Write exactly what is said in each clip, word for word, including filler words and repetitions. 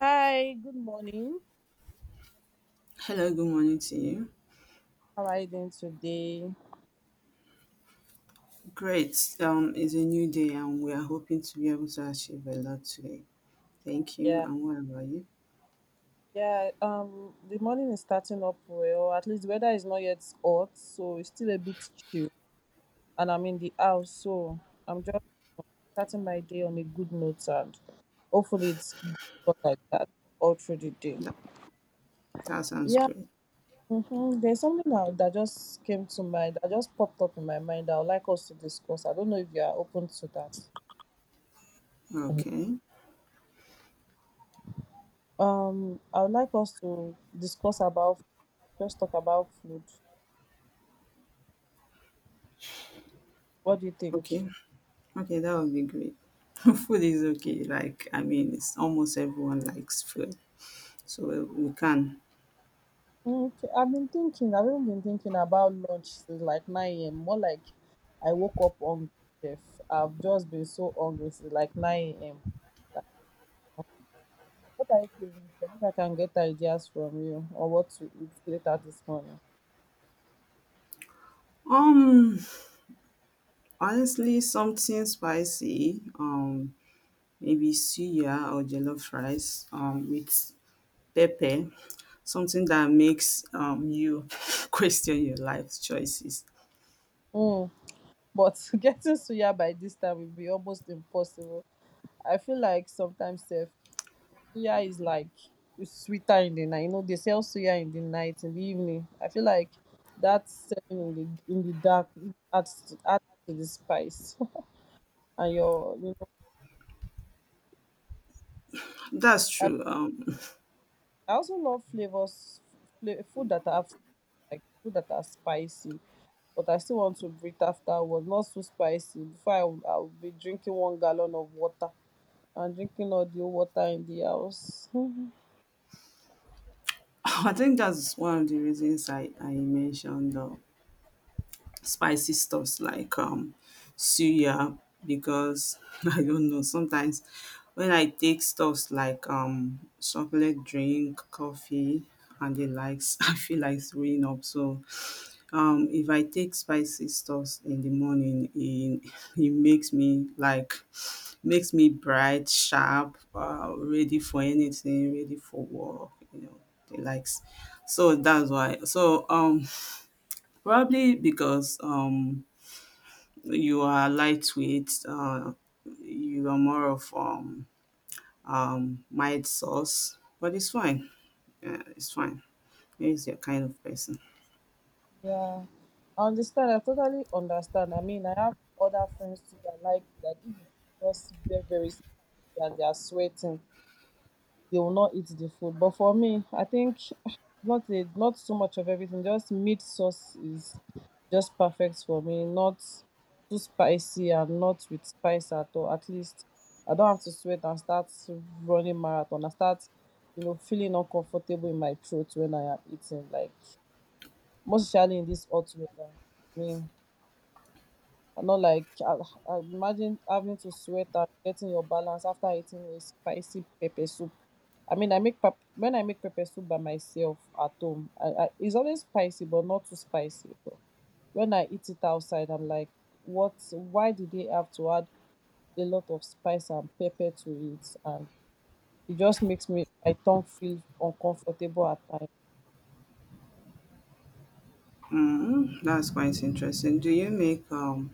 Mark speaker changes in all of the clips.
Speaker 1: Hi, good morning.
Speaker 2: Hello, good morning to you.
Speaker 1: How are you doing today?
Speaker 2: Great. Um, it's a new day, and we are hoping to be able to achieve a lot today. Thank you.
Speaker 1: Yeah,
Speaker 2: And what about you?
Speaker 1: yeah. Um, the morning is starting up well. At least the weather is not yet hot, so it's still a bit chill. And I'm in the house, so I'm just starting my day on a good note, and hopefully it's good like that all through the day.
Speaker 2: That, that sounds
Speaker 1: Yeah.
Speaker 2: great.
Speaker 1: Mm-hmm. There's something now that just came to mind, that just popped up in my mind. I would like us to discuss. I don't know if you are open to that.
Speaker 2: Okay.
Speaker 1: Um, I would like us to discuss about just talk about food. What do you think?
Speaker 2: Okay. Okay, that would be great. Food is okay. Like, I mean, it's almost everyone likes food, so we we can.
Speaker 1: Mm, okay, I've been thinking. I've even been thinking about lunch since like nine a m. More like I woke up hungry, chef. I've just been so hungry since like nine a m. Like, what are you craving for? Maybe I can get ideas from you on what to eat later this morning.
Speaker 2: Um, Honestly, something spicy. Um, maybe suya or jollof rice. Um, with pepper, something that makes um, you question your life choices.
Speaker 1: Mm, but getting suya by this time will be almost impossible. I feel like sometimes, sef, suya is like it's sweeter in the night. You know, they sell suya in the night, in the evening. I feel like that selling in the in the dark it adds to, adds to the spice and your you know.
Speaker 2: That's
Speaker 1: I,
Speaker 2: true. Um,
Speaker 1: I also love flavors, fla- food that have like food that are spicy, but I still want to breathe afterwards. Not so spicy. Before I will- I will be drinking one gallon of water and drinking all the water in the house.
Speaker 2: I think that's one of the reasons I, I mentioned uh, spicy stuffs like um, suya because I don't know, sometimes when I take stuffs like um, chocolate drink, coffee, and the likes, I feel like throwing up. So um if I take spicy stuff in the morning it it makes me like makes me bright sharp uh, ready for anything, ready for work you know the likes, so that's why. So um probably because um you are lightweight, uh you are more of um um mild sauce, but it's fine. Yeah, it's fine, it's your kind of person.
Speaker 1: Yeah, I understand. I totally understand. I mean, I have other friends too that like like if the food is not very very spicy and they are sweating, they will not eat the food. But for me, I think not a, not so much of everything. Just meat sauce is just perfect for me. Not too spicy and not with spice at all. At least I don't have to sweat and start running marathon. I start, you know, feeling uncomfortable in my throat when I am eating. Like most especially in this hot weather. I mean, I know like I, I imagine having to sweat and getting your balance after eating a spicy pepper soup. I mean, I make pap- when I make pepper soup by myself at home, I, I, it's always spicy, but not too spicy. But when I eat it outside, I'm like, what? Why do they have to add a lot of spice and pepper to it? And it just makes me my tongue feel uncomfortable at times.
Speaker 2: Mm, that's quite interesting. Do you make um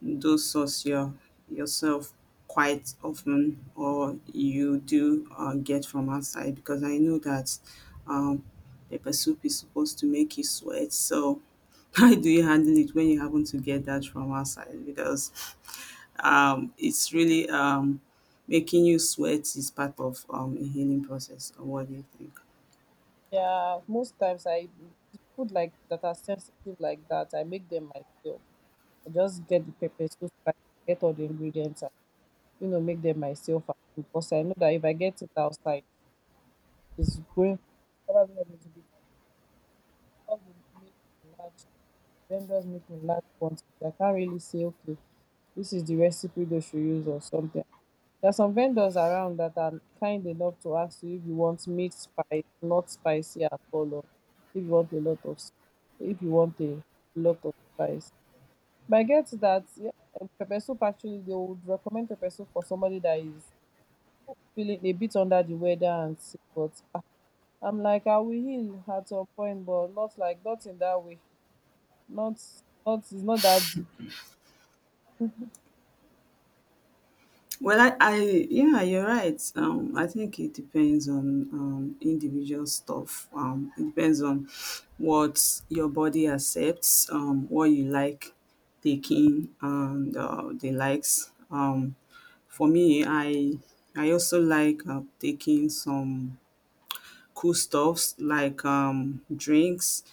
Speaker 2: do source your yourself quite often, or you do uh, get from outside? Because I know that um, pepper soup is supposed to make you sweat. So how do you handle it when you happen to get that from outside? Because um, it's really um, making you sweat is part of um, a healing process. Or what do you think?
Speaker 1: Yeah, most times I food like that are sensitive like that. I make them myself. I just get the pepper so spice, get all the ingredients, and you know, make them myself at home, because I know that if I get it outside, it's going probably not going to be because they make in large vendors make in large quantity. I can't really say okay, this is the recipe they should use or something. There are some vendors around that are kind enough to ask you if you want meat spice, not spicy at all, or if you want a lot of, s- if you want a lot of spice. But I get that yeah, eh, pepper soup actually they would recommend pepper soup for somebody that is feeling a bit under the weather and sick. But ah, I'm like, I will heal at some point, but not like not in that way. Not not it's not that deep.
Speaker 2: Well, I I yeah, you're right. Um, I think it depends on um, individual stuff. Um, it depends on what your body accepts, um, what you like taking, and uh, the likes. Um, for me, I I also like uh, taking some cool stuffs like um, drinks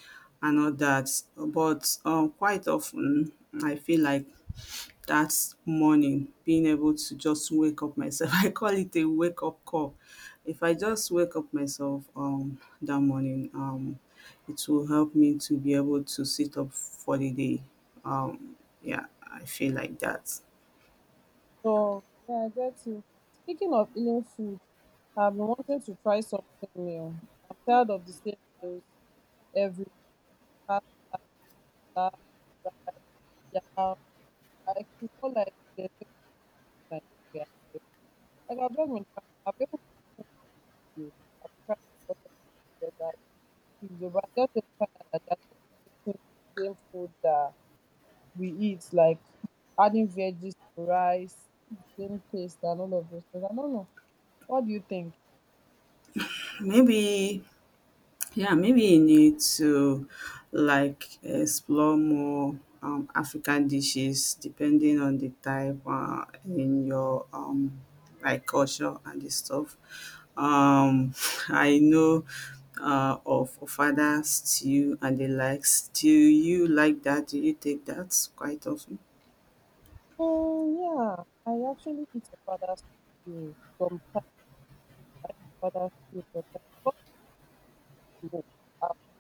Speaker 2: and all that. But um, quite often, I feel like that morning, being able to just wake up myself. I call it a wake up call. If I just wake up myself um that morning, um it will help me to be able to sit up for the day. Um yeah, I feel like that.
Speaker 1: So yeah, I get you. Speaking of healing food. I've been wanting to try something new. I'm tired of the same meals every week. Pasta, salad, rice, yam. Like it's not like there's no Nigeria. So, like I've just been trying. I've been confused. I've been trying to watch all that but I just didn't find out that they're just mixing the same food that we eat, like adding veggies to rice, same taste, and all of those things. I don't know. What do you think?
Speaker 2: Maybe. Yeah, maybe you need to like explore more um, African dishes, depending on the type uh, in your um, like culture and the stuff. Um, I know uh, of Ofada stew and the likes. Do you like that? Do you take that quite often?
Speaker 1: Um, yeah, I actually eat a father's food. Sometimes. I have other skills sometimes because i I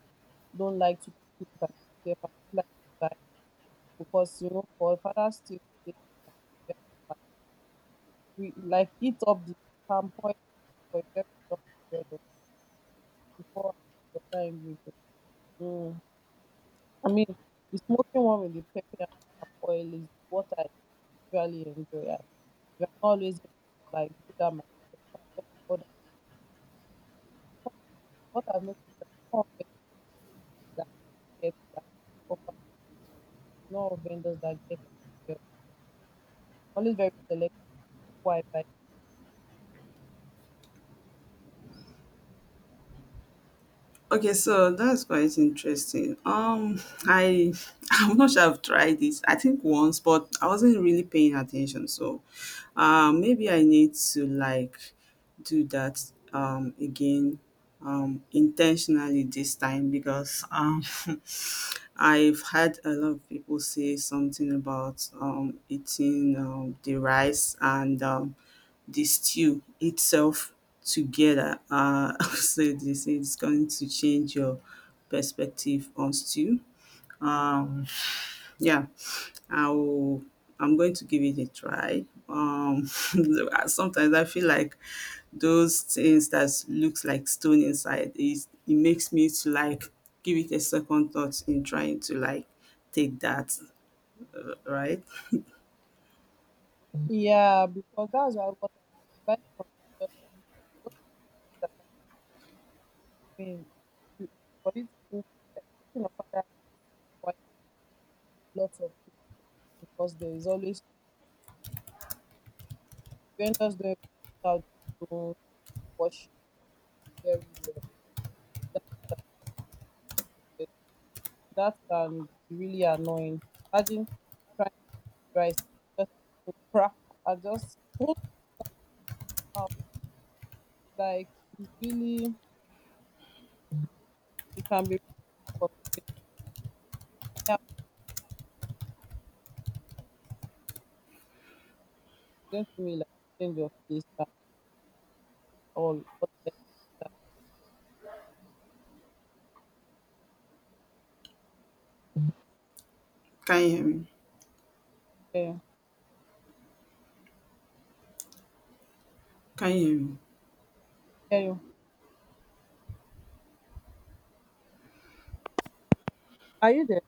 Speaker 1: don't like to cook it by myself. I don't like to buy it because you know for father's still you have to like re- like eat up the palm oil for a very long period of before adding the other ingredients. Mm. I mean the smoking one with the pepper and palm oil is what I usually enjoy. I, I'm not always able to like do that myself. I just order. What I've noticed is that more vendors that get that lot vendors that get it. Well. I'm always very selective who I buy.
Speaker 2: Okay, so that's quite interesting. Um, I I'm not sure I've tried this. I think once, but I wasn't really paying attention. So, uh, maybe I need to like do that um again um intentionally this time, because um I've had a lot of people say something about um, eating um, the rice and um, the stew itself together. Uh, so they say it's going to change your perspective on stew. Um, yeah. I'll I'm going to give it a try. Um, sometimes I feel like those things that looks like stone inside is it makes me to like give it a second thought in trying to like take that right.
Speaker 1: Yeah, because that's why what I said. Buying from vendors can be those are vendors that are not known. I mean, to- for you to cook, uh, cooking of other rice requires like lots of people because there is always vendors don't know how to wash it very well. That, that, eh, that can be really annoying. Imagine trying rice just crap and just put out like it's really it can be for yeah, it's going to me like a change of this time, all all that.
Speaker 2: Can you hear me?
Speaker 1: Yeah.
Speaker 2: Can you hear me?
Speaker 1: Yeah. Are you there?